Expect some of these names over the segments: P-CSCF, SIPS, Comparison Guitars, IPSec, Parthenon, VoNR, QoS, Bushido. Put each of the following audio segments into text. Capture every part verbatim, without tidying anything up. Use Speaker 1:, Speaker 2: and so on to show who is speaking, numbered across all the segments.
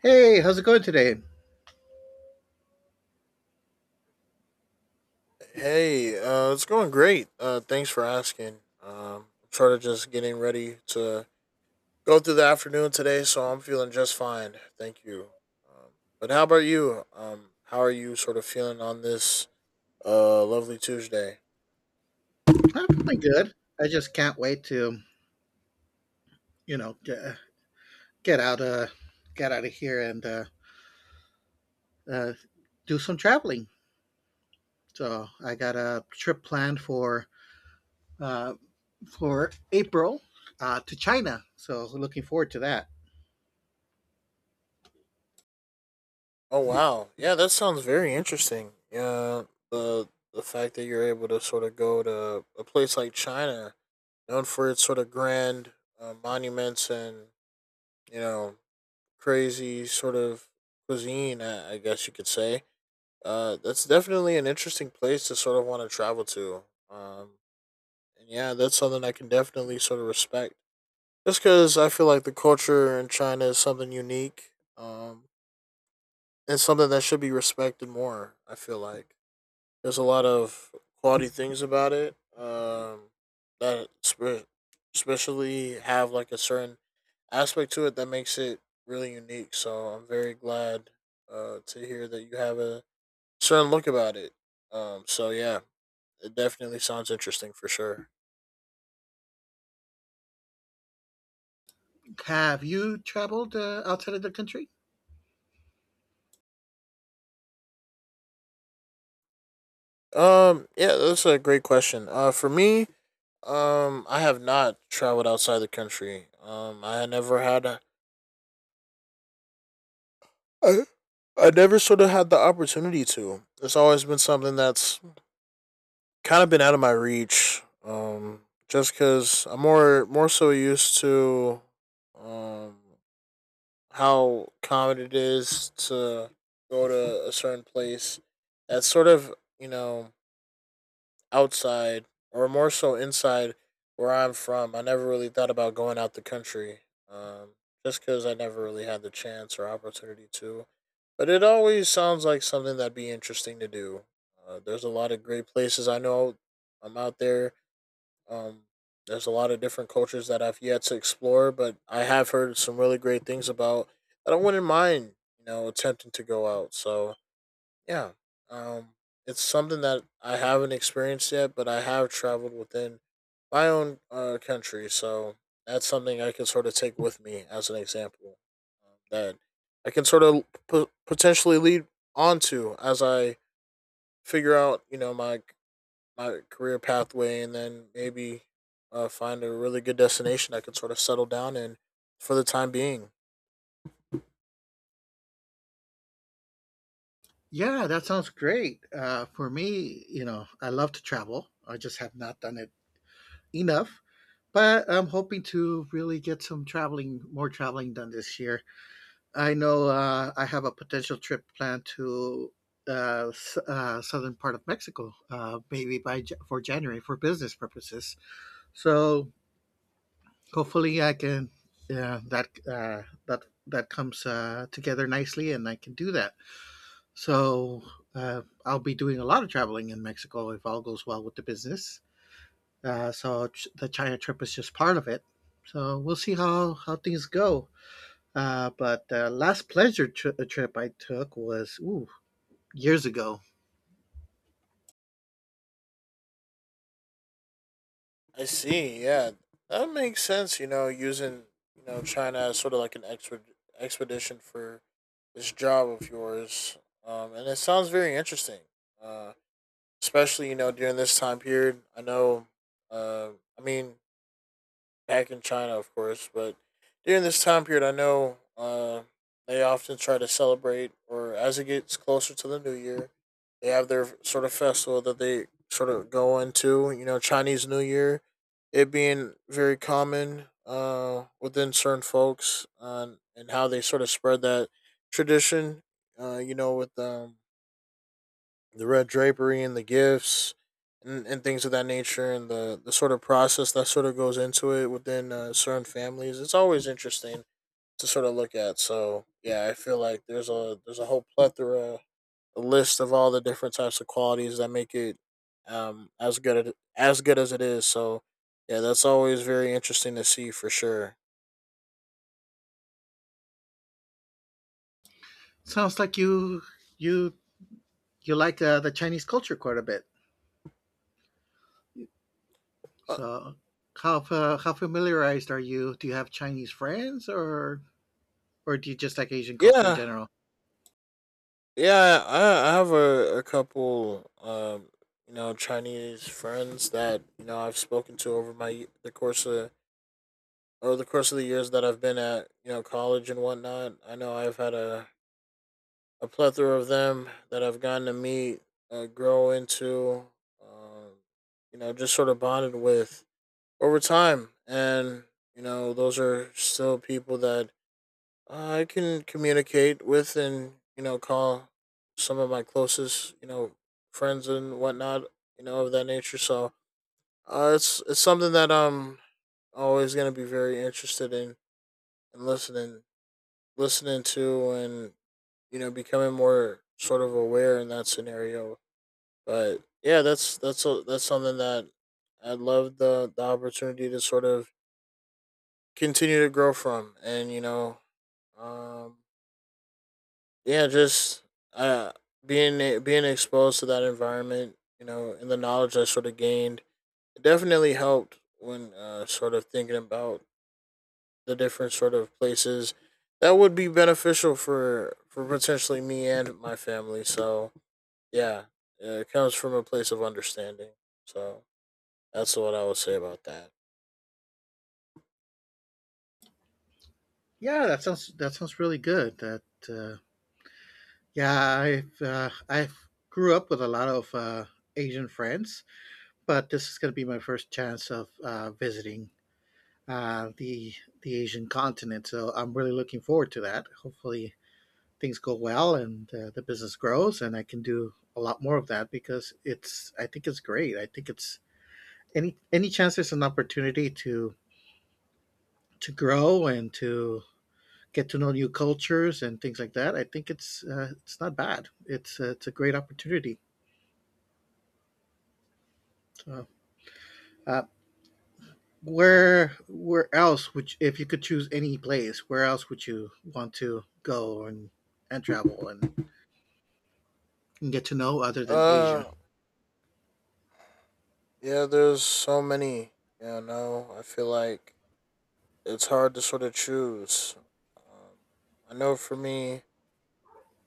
Speaker 1: Hey, how's it going today?
Speaker 2: Hey, uh, it's going great. Uh, thanks for asking. Um, I'm sort of just getting ready to go through the afternoon today, so I'm feeling just fine. Thank you. Um, but how about you? Um, how are you sort of feeling on this uh, lovely Tuesday?
Speaker 1: I'm feeling good. I just can't wait to, you know, get, get out uh get out of here and uh, uh, do some traveling. So I got a trip planned for uh, for April, uh, to China. So looking forward to that.
Speaker 2: Oh wow, yeah, that sounds very interesting. Yeah, the the fact that you're able to sort of go to a place like China, known for its sort of grand uh, monuments and you know crazy sort of cuisine, I I guess you could say. Uh, that's definitely an interesting place to sort of want to travel to. Um, and yeah, that's something I can definitely sort of respect. Just because I feel like the culture in China is something unique, um, and something that should be respected more, I feel like. There's a lot of quality things about it. Um, that spe- especially have like a certain aspect to it that makes it really unique. So I'm very glad, uh, to hear that you have a certain look about it. Um, so yeah, it definitely sounds interesting for sure.
Speaker 1: Have you traveled uh, outside of the country?
Speaker 2: Um, yeah, that's a great question. Uh, for me, um, I have not traveled outside the country. Um, I had never had a I, I never sort of had the opportunity to. It's always been something that's kind of been out of my reach. Um, just because I'm more more so used to um how common it is to go to a certain place that's sort of you know outside or more so inside where I'm from. I never really thought about going out the country, um, just because I never really had the chance or opportunity to. But it always sounds like something that'd be interesting to do. Uh, there's a lot of great places I know I'm out there. Um, there's a lot of different cultures that I've yet to explore, but I have heard some really great things about that I wouldn't mind, you know, attempting to go out. So yeah. Um it's something that I haven't experienced yet, but I have traveled within my own uh, country, so that's something I can sort of take with me as an example, um, that I can sort of p- potentially lead onto as I figure out, you know, my my career pathway, and then maybe uh, find a really good destination I can sort of settle down in for the time being.
Speaker 1: Yeah, that sounds great. Uh, for me, you know, I love to travel. I just have not done it enough, but I'm hoping to really get some traveling, more traveling done this year. I know, uh, I have a potential trip planned to uh, s- uh, southern part of Mexico, uh, maybe by Ja- for January for business purposes. So hopefully I can, yeah, that uh, that that comes uh, together nicely, and I can do that. So, uh, I'll be doing a lot of traveling in Mexico if all goes well with the business. Uh, so ch- the China trip is just part of it. So we'll see how, how things go. Uh, but the last pleasure tri- trip I took was ooh, years ago.
Speaker 2: I see. Yeah, that makes sense. You know, using you know China as sort of like an exped expedition for this job of yours, um, and it sounds very interesting. Uh, Especially you know during this time period. I know. Uh, I mean, back in China, of course. But during this time period, I know, uh, they often try to celebrate, or as it gets closer to the new year, they have their sort of festival that they sort of go into. You know, Chinese New Year, it being very common uh, within certain folks, uh, and how they sort of spread that tradition. Uh, you know, with um, the red drapery and the gifts and, and things of that nature and the, the sort of process that sort of goes into it within, uh, certain families. It's always interesting to sort of look at. So yeah, I feel like there's a there's a whole plethora, a list of all the different types of qualities that make it um as good as as good as it is. So yeah, that's always very interesting to see for sure.
Speaker 1: Sounds like you you you like uh, the Chinese culture quite a bit.
Speaker 2: uh,
Speaker 1: So how fa- how familiarized are you? Do you have Chinese friends, or or do you just like Asian culture in
Speaker 2: yeah,
Speaker 1: general?
Speaker 2: Yeah, I, I have a, a couple, um, you know, Chinese friends that you know I've spoken to over my the course of over the course of the years that I've been at you know college and whatnot. I know I've had a a plethora of them that I've gotten to meet, uh, grow into, um, you know, just sort of bonded with over time, and you know, those are still people that uh, I can communicate with and you know call some of my closest you know friends and whatnot you know of that nature. So uh, it's it's something that I'm always gonna be very interested in and listening listening to and you know becoming more sort of aware in that scenario. But yeah, that's that's a, that's something that I love the the opportunity to sort of continue to grow from and you know um yeah, just uh, being e, being exposed to that environment, you know, and the knowledge I sort of gained, it definitely helped when, uh, sort of thinking about the different sort of places that would be beneficial for for potentially me and my family. So yeah, yeah, it comes from a place of understanding. So that's what I would say about that.
Speaker 1: Yeah, that sounds that sounds really good. That uh, yeah, I've uh, I've grew up with a lot of uh, Asian friends, but this is going to be my first chance of uh, visiting uh, the the Asian continent. So I'm really looking forward to that. Hopefully things go well and, uh, the business grows, and I can do a lot more of that because it's I think it's great. I think it's any any chance there's an opportunity to to grow and to get to know new cultures and things like that. I think it's uh, it's not bad. It's uh, it's a great opportunity. So, uh, Where where else would you, if you could choose any place, where else would you want to go and and travel and, and get to know other than
Speaker 2: Uh,
Speaker 1: Asia?
Speaker 2: yeah, there's so many. You know, I feel like it's hard to sort of choose. Um, I know for me,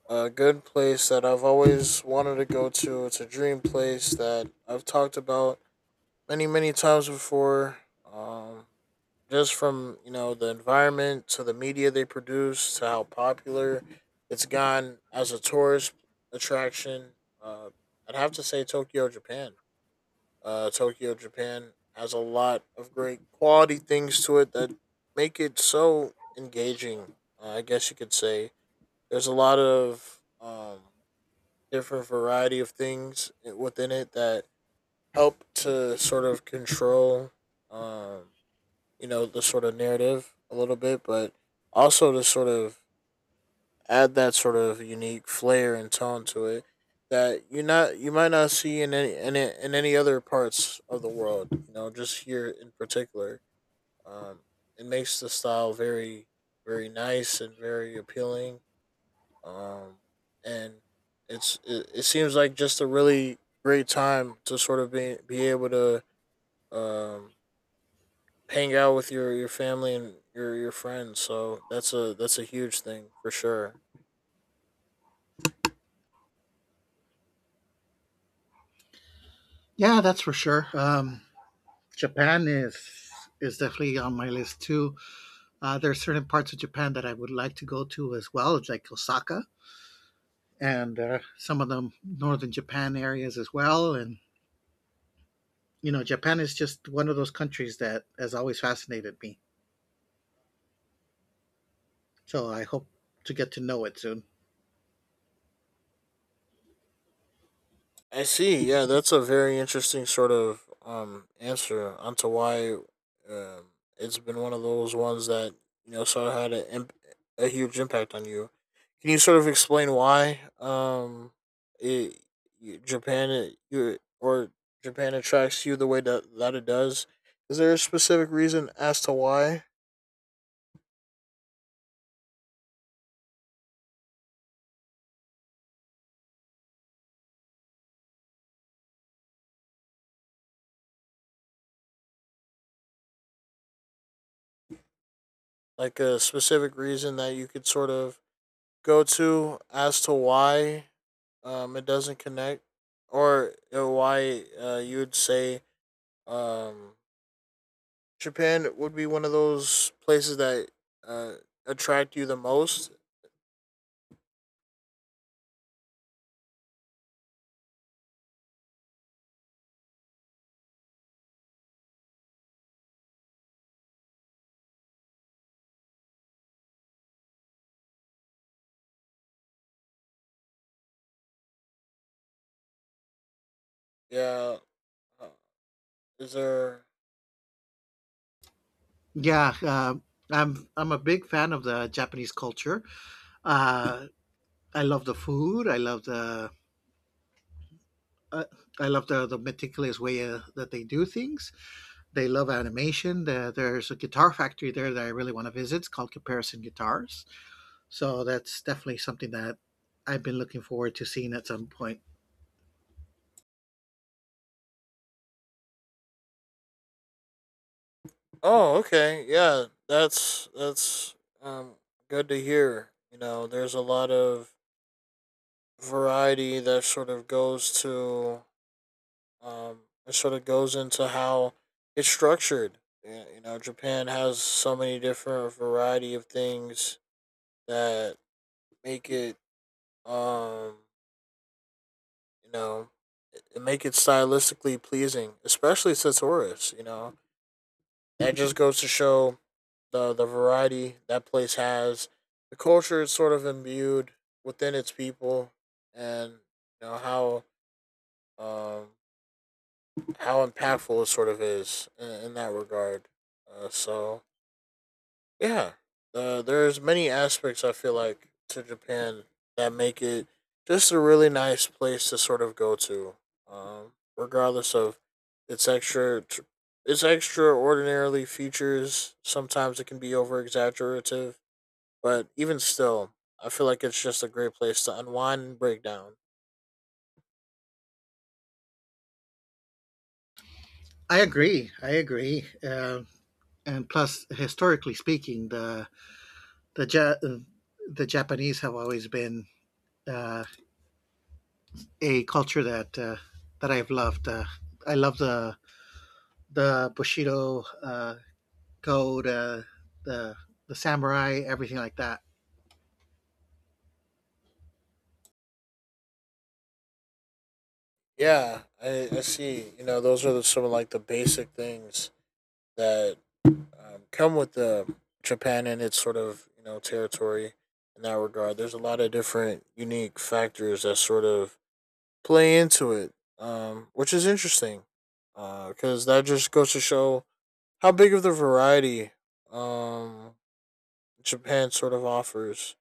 Speaker 2: a good place that I've always wanted to go to, it's a dream place that I've talked about many, many times before. Um, just from, you know, the environment to the media they produce to how popular it's gone as a tourist attraction. Uh, I'd have to say Tokyo, Japan. uh, Tokyo, Japan has a lot of great quality things to it that make it so engaging. Uh, I guess you could say there's a lot of um, different variety of things within it that help to sort of control, um, you know, the sort of narrative a little bit, but also to sort of add that sort of unique flair and tone to it that you not you might not see in any in, a- in any other parts of the world. You know, just here in particular, um, it makes the style very very nice and very appealing. Um, and it's it, it seems like just a really great time to sort of be be able to um hang out with your your family and your your friends. So that's a that's a huge thing for sure.
Speaker 1: Yeah, that's for sure. Um, Japan is is definitely on my list too. Uh, there are certain parts of Japan that I would like to go to as well, like Osaka and, uh, some of the northern Japan areas as well. And you know, Japan is just one of those countries that has always fascinated me. So I hope to get to know it soon.
Speaker 2: I see. Yeah, that's a very interesting sort of um answer onto why um it's been one of those ones that you know sort of had a imp- a huge impact on you. Can you sort of explain why um it, you- Japan it, you or Japan attracts you the way that that it does? Is there a specific reason as to why? Like a specific reason that you could sort of go to as to why um it doesn't connect or uh, why uh you would say um Japan would be one of those places that uh attract you the most. Yeah. uh, Is there any
Speaker 1: Yeah, uh, I'm I'm a big fan of the Japanese culture. Uh, I love the food. I love the uh, I love the, the meticulous way uh, that they do things. They love animation. The, there's a guitar factory there that I really want to visit. It's called Comparison Guitars. So that's definitely something that I've been looking forward to seeing at some point.
Speaker 2: Oh, okay. Yeah. That's that's um good to hear. You know, there's a lot of variety that sort of goes to Um, it sort of goes into how it's structured. Yeah. You know, Japan has so many different variety of things that make it, um, you know, make it stylistically pleasing, especially Satoris. You know, that just goes to show the the variety that place has. The culture is sort of imbued within its people, and you know how, um, how impactful it sort of is in, in that regard. Uh, so yeah, uh, there's many aspects I feel like to Japan that make it just a really nice place to sort of go to, um, regardless of its extra tr- its extraordinarily features. Sometimes it can be over exaggerative, but even still, I feel like it's just a great place to unwind and break down.
Speaker 1: I agree. I agree. Uh, and plus, historically speaking, the the ja- uh, the Japanese have always been. Uh, a culture that uh, that I've loved. Uh, I love the the Bushido, uh, code, uh, the the samurai, everything like that.
Speaker 2: Yeah, I, I see. You know, those are the, some of like the basic things that, um, come with the Japan and its sort of you know territory in that regard. There's a lot of different unique factors that sort of play into it, um, which is interesting because, uh, that just goes to show how big of the variety, um, Japan sort of offers,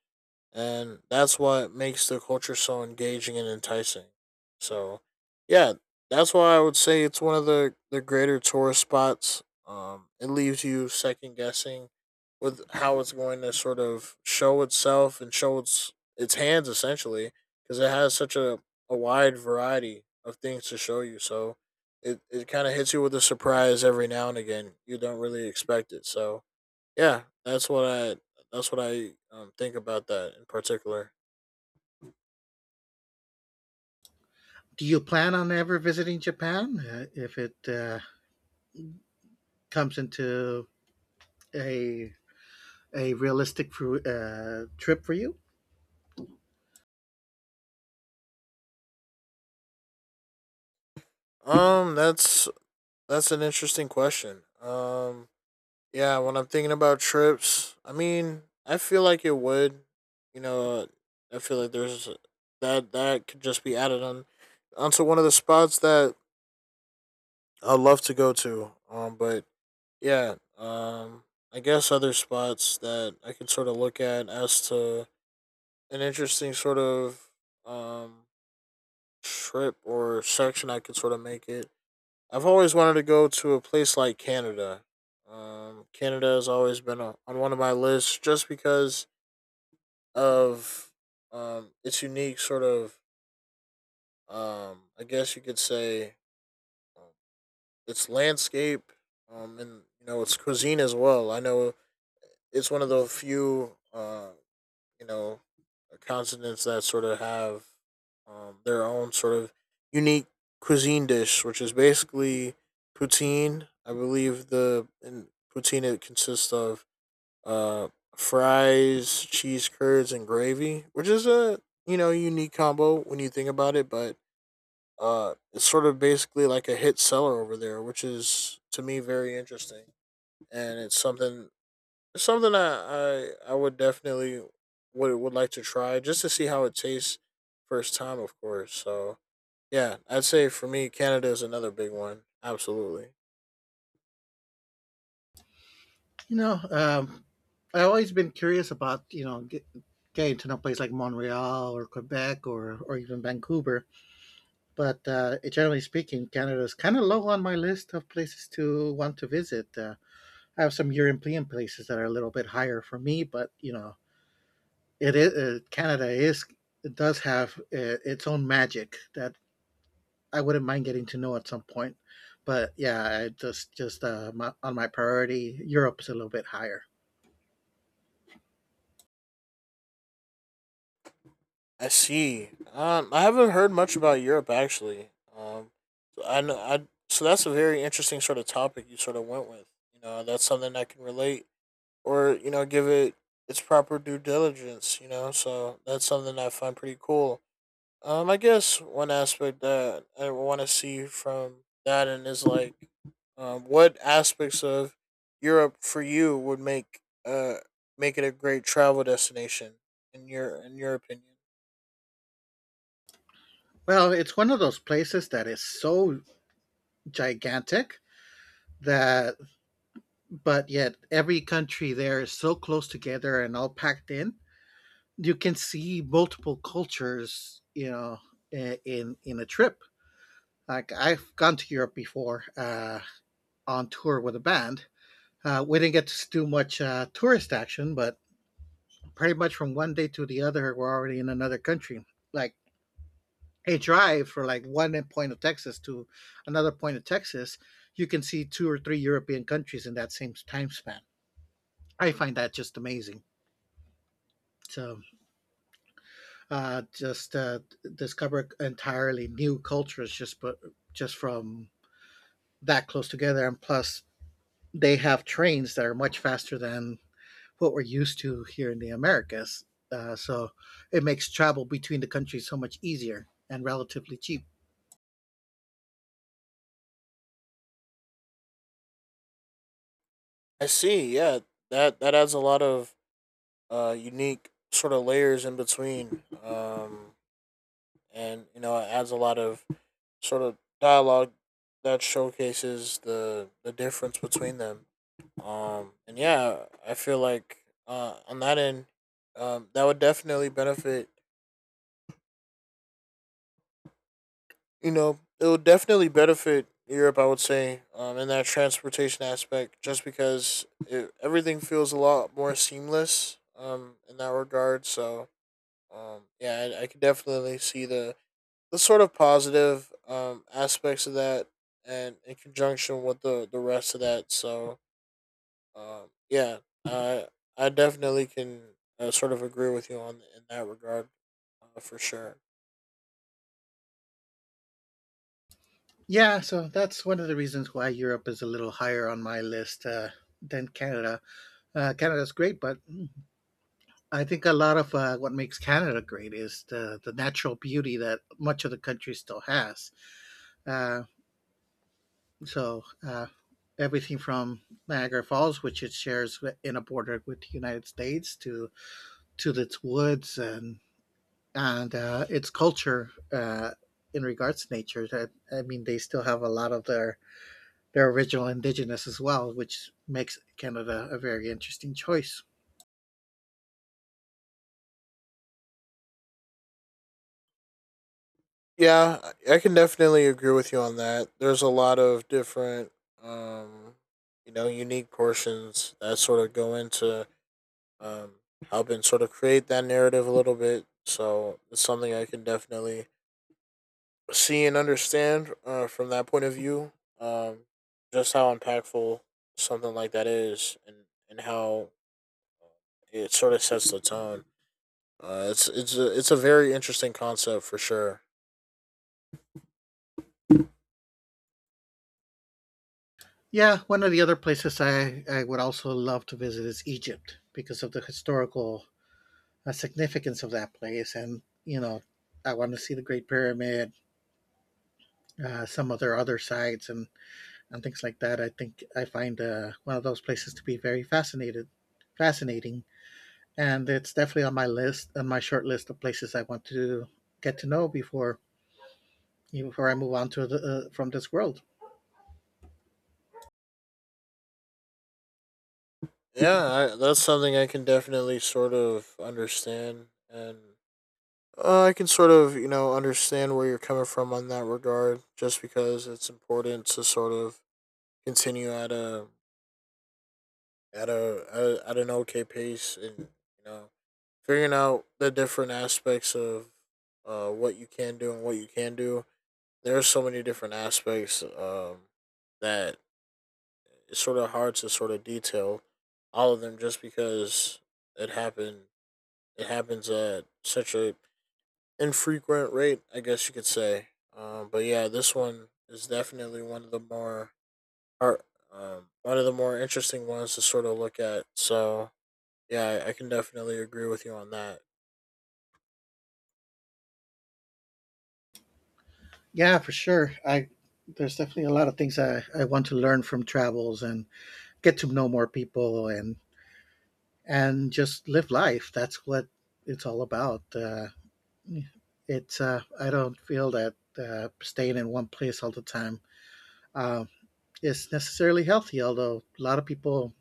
Speaker 2: and that's what makes the culture so engaging and enticing. So, yeah, that's why I would say it's one of the the greater tourist spots. Um, it leaves you second guessing with how it's going to sort of show itself and show its its hands essentially because it has such a, a wide variety of things to show you. So it, it kind of hits you with a surprise every now and again. You don't really expect it. So yeah, that's what I that's what I um, think about that in particular.
Speaker 1: Do you plan on ever visiting Japan uh, if it uh, comes into a a realistic uh, trip for you?
Speaker 2: Um, that's that's an interesting question. Um, yeah, when I'm thinking about trips, I mean, I feel like it would, you know, I feel like there's that that could just be added on onto one of the spots that I love to go to. Um, but yeah, um, I guess other spots that I could sort of look at as to an interesting sort of um trip or section I could sort of make it. I've always wanted to go to a place like Canada. Um, Canada has always been on on one of my lists just because of um, its unique sort of, um, I guess you could say, um, its landscape um, and you know its cuisine as well. I know it's one of the few uh, you know continents that sort of have um, their own sort of unique cuisine dish, which is basically poutine. I believe the in poutine it consists of uh, fries, cheese curds, and gravy, which is a you know unique combo when you think about it. But uh, it's sort of basically like a hit seller over there, which is to me very interesting, and it's something it's something I, I I would definitely would would like to try just to see how it tastes first time, of course. So yeah, I'd say for me, Canada is another big one. Absolutely.
Speaker 1: You know, um, I've always been curious about, you know, get, getting to know places like Montreal or Quebec or or even Vancouver. But uh, generally speaking, Canada is kind of low on my list of places to want to visit. Uh, I have some European places that are a little bit higher for me, but you know, it is uh, Canada is, it does have uh, its own magic that I wouldn't mind getting to know at some point. But yeah, I just just uh, my, on my priority, Europe is a little bit higher.
Speaker 2: I see. Um, I haven't heard much about Europe actually. Um, so I know I so that's a very interesting sort of topic you sort of went with. You know, that's something I can relate or you know give it its proper due diligence. You know, so that's something I find pretty cool. Um, I guess one aspect that I want to see from that and is like, um, what aspects of Europe for you would make uh make it a great travel destination in your in your opinion?
Speaker 1: Well, it's one of those places that is so gigantic that, but yet every country there is so close together and all packed in, you can see multiple cultures, you know, in in a trip. Like I've gone to Europe before, uh, on tour with a band. Uh, we didn't get to do much uh, tourist action, but pretty much from one day to the other, we're already in another country. Like a drive from like one point of Texas to another point of Texas, you can see two or three European countries in that same time span. I find that just amazing. So uh, just uh, Discover entirely new cultures just but just from that close together. And plus, they have trains that are much faster than what we're used to here in the Americas. Uh, so it makes travel between the countries so much easier and relatively cheap.
Speaker 2: I see. Yeah, that that adds a lot of uh unique sort of layers in between. Um, and you know, it adds a lot of sort of dialogue that showcases the the difference between them. Um, and yeah, I feel like uh, on that end, um, that would definitely benefit. You know, it would definitely benefit Europe. I would say, um, in that transportation aspect, just because it, everything feels a lot more seamless. Um, in that regard, so um, yeah, I, I could definitely see the the sort of positive um aspects of that, and in conjunction with the the rest of that. So Um, yeah, I I definitely can uh, sort of agree with you on in that regard, uh, for sure.
Speaker 1: Yeah, so that's one of the reasons why Europe is a little higher on my list uh, than Canada. Uh, Canada's great, but I think a lot of uh, what makes Canada great is the, the natural beauty that much of the country still has. Uh, so uh, Everything from Niagara Falls, which it shares in a border with the United States, to to its woods and, and uh, its culture uh, in regards to nature. That I mean, they still have a lot of their their original indigenous as well, which makes Canada a very interesting choice.
Speaker 2: Yeah, I I can definitely agree with you on that. There's a lot of different, um, you know, unique portions that sort of go into um, helping sort of create that narrative a little bit. So it's something I can definitely see and understand uh, from that point of view. Um, just how impactful something like that is, and and how it sort of sets the tone. Uh, it's it's a it's a very interesting concept for sure.
Speaker 1: Yeah, one of the other places I, I would also love to visit is Egypt because of the historical uh, significance of that place. And, you know, I want to see the Great Pyramid, uh, some of their other sides and, and things like that. I think I find uh, one of those places to be very fascinated, fascinating, and it's definitely on my list, on my short list of places I want to get to know before before I move on to the, uh, from this world.
Speaker 2: Yeah, I, that's something I can definitely sort of understand, and uh, I can sort of you know understand where you're coming from on that regard. Just because it's important to sort of continue at a at a at, at an okay pace, and you know figuring out the different aspects of uh, what you can do and what you can do. There are so many different aspects um, that it's sort of hard to sort of detail all of them just because it happened. It happens at such a infrequent rate, I guess you could say. Um, but yeah, this one is definitely one of the more or, um, one of the more interesting ones to sort of look at. So yeah, I, I can definitely agree with you on that.
Speaker 1: Yeah, for sure. I There's definitely a lot of things I, I want to learn from travels and get to know more people and and just live life. That's what it's all about. Uh, it's uh, I don't feel that uh, staying in one place all the time uh, is necessarily healthy, although a lot of people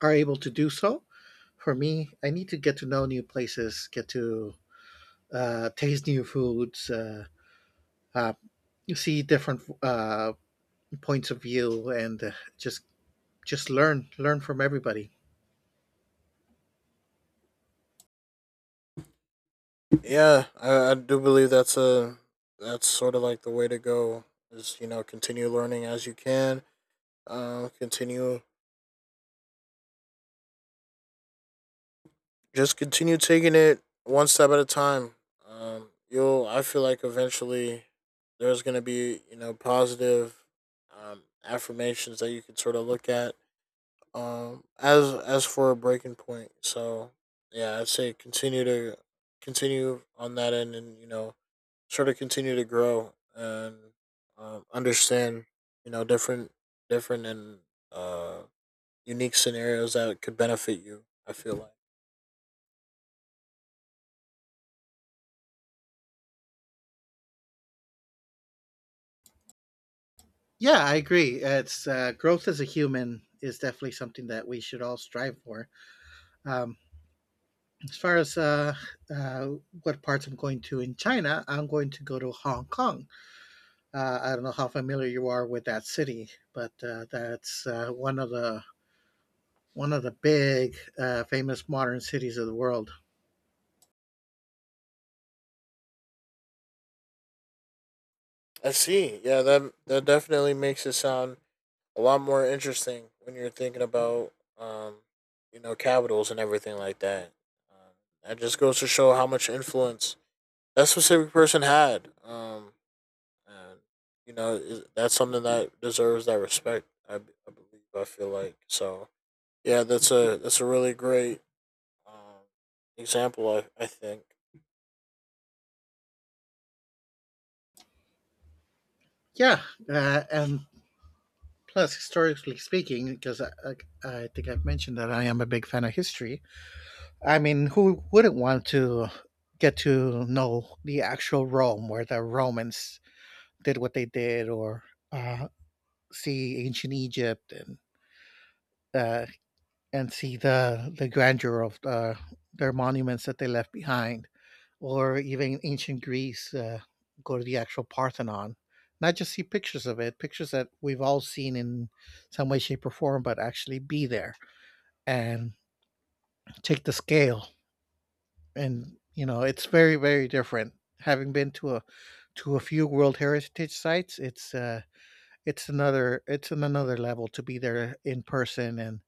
Speaker 1: are able to do so. For me, I need to get to know new places, get to uh, taste new foods, uh, uh, see different uh, points of view, and, uh, just just learn learn from everybody.
Speaker 2: Yeah, I, I do believe that's a that's sort of like the way to go is you know continue learning as you can, um, continue just continue taking it one step at a time. Um, you'll, I feel like eventually there's going to be, you know, positive um, affirmations that you can sort of look at um, as as for a breaking point. So yeah, I'd say continue to continue on that end, and you know, sort of continue to grow and um, understand, you know, different different and uh, unique scenarios that could benefit you. I feel like.
Speaker 1: Yeah, I agree. It's uh, Growth as a human is definitely something that we should all strive for. Um, as far as uh, uh, what parts I'm going to in China, I'm going to go to Hong Kong. Uh, I don't know how familiar you are with that city, but uh, that's uh, one of the one of the big uh, famous modern cities of the world.
Speaker 2: I see. Yeah, that that definitely makes it sound a lot more interesting when you're thinking about, um, you know, capitals and everything like that. Um, that just goes to show how much influence that specific person had. Um, and you know, i- that's something that deserves that respect. I, b- I believe. I feel like so. Yeah, that's a that's a really great um, example. I I think.
Speaker 1: Yeah, uh, and plus historically speaking, because I, I, I think I've mentioned that I am a big fan of history. I mean, who wouldn't want to get to know the actual Rome, where the Romans did what they did, or uh, see ancient Egypt and, uh, and see the the grandeur of the, their monuments that they left behind, or even ancient Greece. Uh, go to the actual Parthenon, not just see pictures of it, pictures that we've all seen in some way, shape, or form, but actually be there and take the scale. And you know, it's very, very different. Having been to a to a few World Heritage sites, it's uh, it's another it's an another level to be there in person and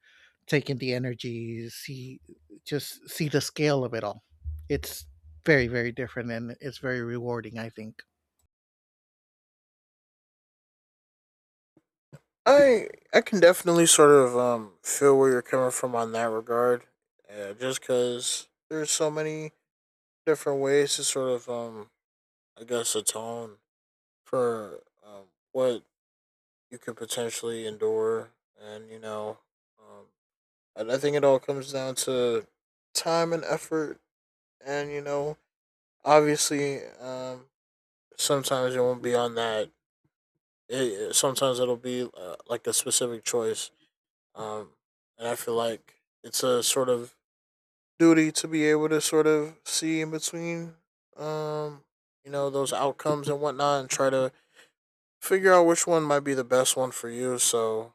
Speaker 1: take in the energy, see just see the scale of it all. It's very, very different and it's very rewarding, I think.
Speaker 2: I I can definitely sort of um feel where you're coming from on that regard. Uh, just because there's so many different ways to sort of um I guess atone for um what you could potentially endure, and you know um and I think it all comes down to time and effort, and you know obviously um sometimes it won't be on that. It, it- sometimes it'll be uh, like a specific choice. Um, and I feel like it's a sort of duty to be able to sort of see in between, um, you know, those outcomes and whatnot, and try to figure out which one might be the best one for you. So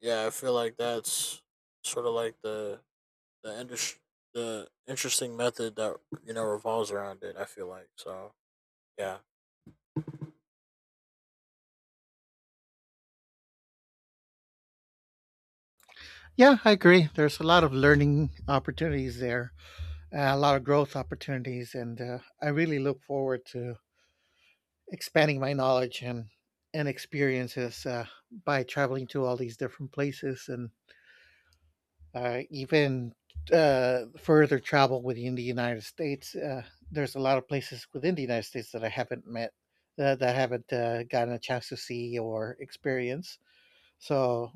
Speaker 2: yeah, I feel like that's sort of like the the indus- the interesting method that you know revolves around it. I feel like so yeah.
Speaker 1: Yeah, I agree. There's a lot of learning opportunities there, uh, a lot of growth opportunities, and uh, I really look forward to expanding my knowledge and and experiences uh, by traveling to all these different places and, uh, even uh, further travel within the United States. Uh, there's a lot of places within the United States that I haven't met, uh, that I haven't uh, gotten a chance to see or experience. So,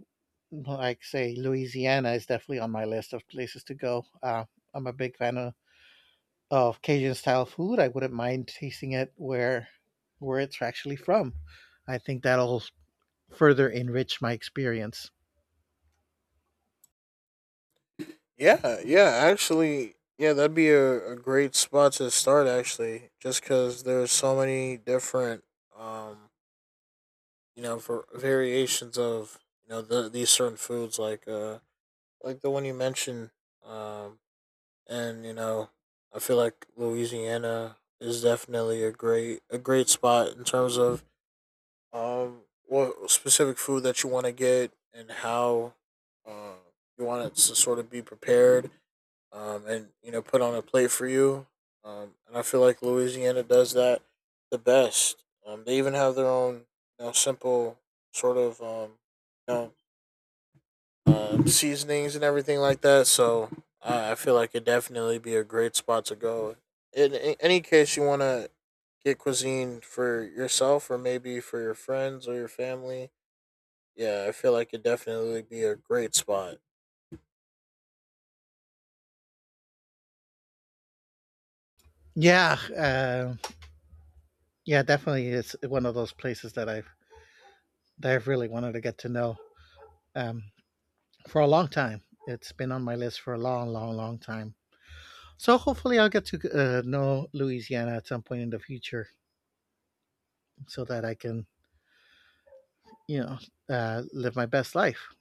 Speaker 1: like say, Louisiana is definitely on my list of places to go. Uh, I'm a big fan of, of Cajun style food. I wouldn't mind tasting it where where it's actually from. I think that'll further enrich my experience.
Speaker 2: Yeah, yeah, actually, yeah, that'd be a, a great spot to start, actually, just because there's so many different um, you know for variations of you know the, these certain foods like uh like the one you mentioned um and you know I feel like Louisiana is definitely a great a great spot in terms of um what specific food that you want to get and how uh you want it to sort of be prepared, um, and you know put on a plate for you. Um, and I feel like Louisiana does that the best. Um, they even have their own you know, simple sort of um, you know um, seasonings and everything like that. So I I feel like it'd definitely be a great spot to go. In, in any case, you want to get cuisine for yourself or maybe for your friends or your family. Yeah, I feel like it'd definitely be a great spot.
Speaker 1: Yeah, uh, yeah, definitely is one of those places that I've that I've really wanted to get to know um, for a long time. It's been on my list for a long, long, long time. So hopefully, I'll get to uh, know Louisiana at some point in the future, so that I can, you know, uh, live my best life.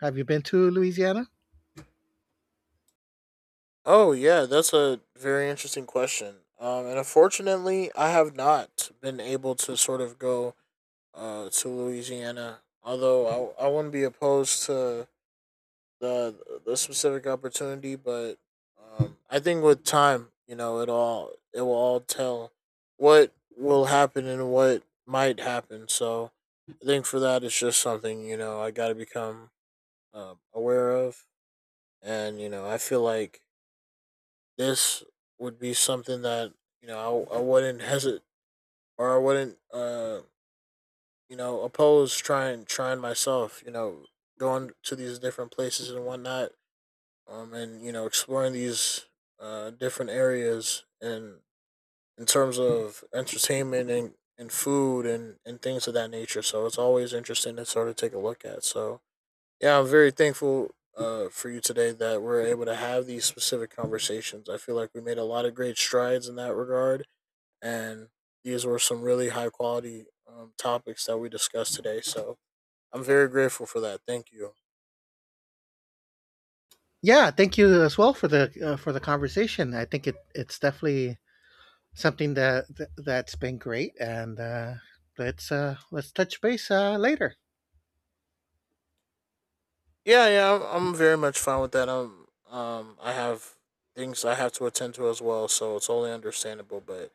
Speaker 1: Have you been to Louisiana?
Speaker 2: Oh yeah, that's a very interesting question. Um, and unfortunately, I have not been able to sort of go uh, to Louisiana. Although I, I wouldn't be opposed to the the specific opportunity, but um, I think with time, you know, it all it will all tell what will happen and what might happen. So I think for that, it's just something you know I got to become uh, aware of, and you know I feel like this would be something that you know I, I wouldn't hesitate or I wouldn't uh you know oppose trying trying myself, you know, going to these different places and whatnot, um and you know exploring these uh different areas and in terms of entertainment and and food and and things of that nature. So it's always interesting to sort of take a look at. So yeah, I'm very thankful uh, for you today that we're able to have these specific conversations. I feel like we made a lot of great strides in that regard, and these were some really high quality um, topics that we discussed today. So I'm very grateful for that. Thank you.
Speaker 1: Yeah, thank you as well for the, uh, for the conversation. I think it it's definitely something that th- that's been great, and uh, let's uh, let's touch base uh, later.
Speaker 2: Yeah, yeah, I'm, I'm very much fine with that. Um, um, I have things I have to attend to as well, so it's only understandable. But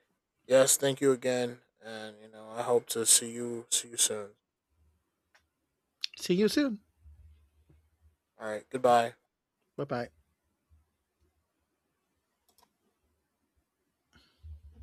Speaker 2: yes, thank you again, and you know I hope to see you see you soon.
Speaker 1: See you soon.
Speaker 2: All right, goodbye.
Speaker 1: Bye bye.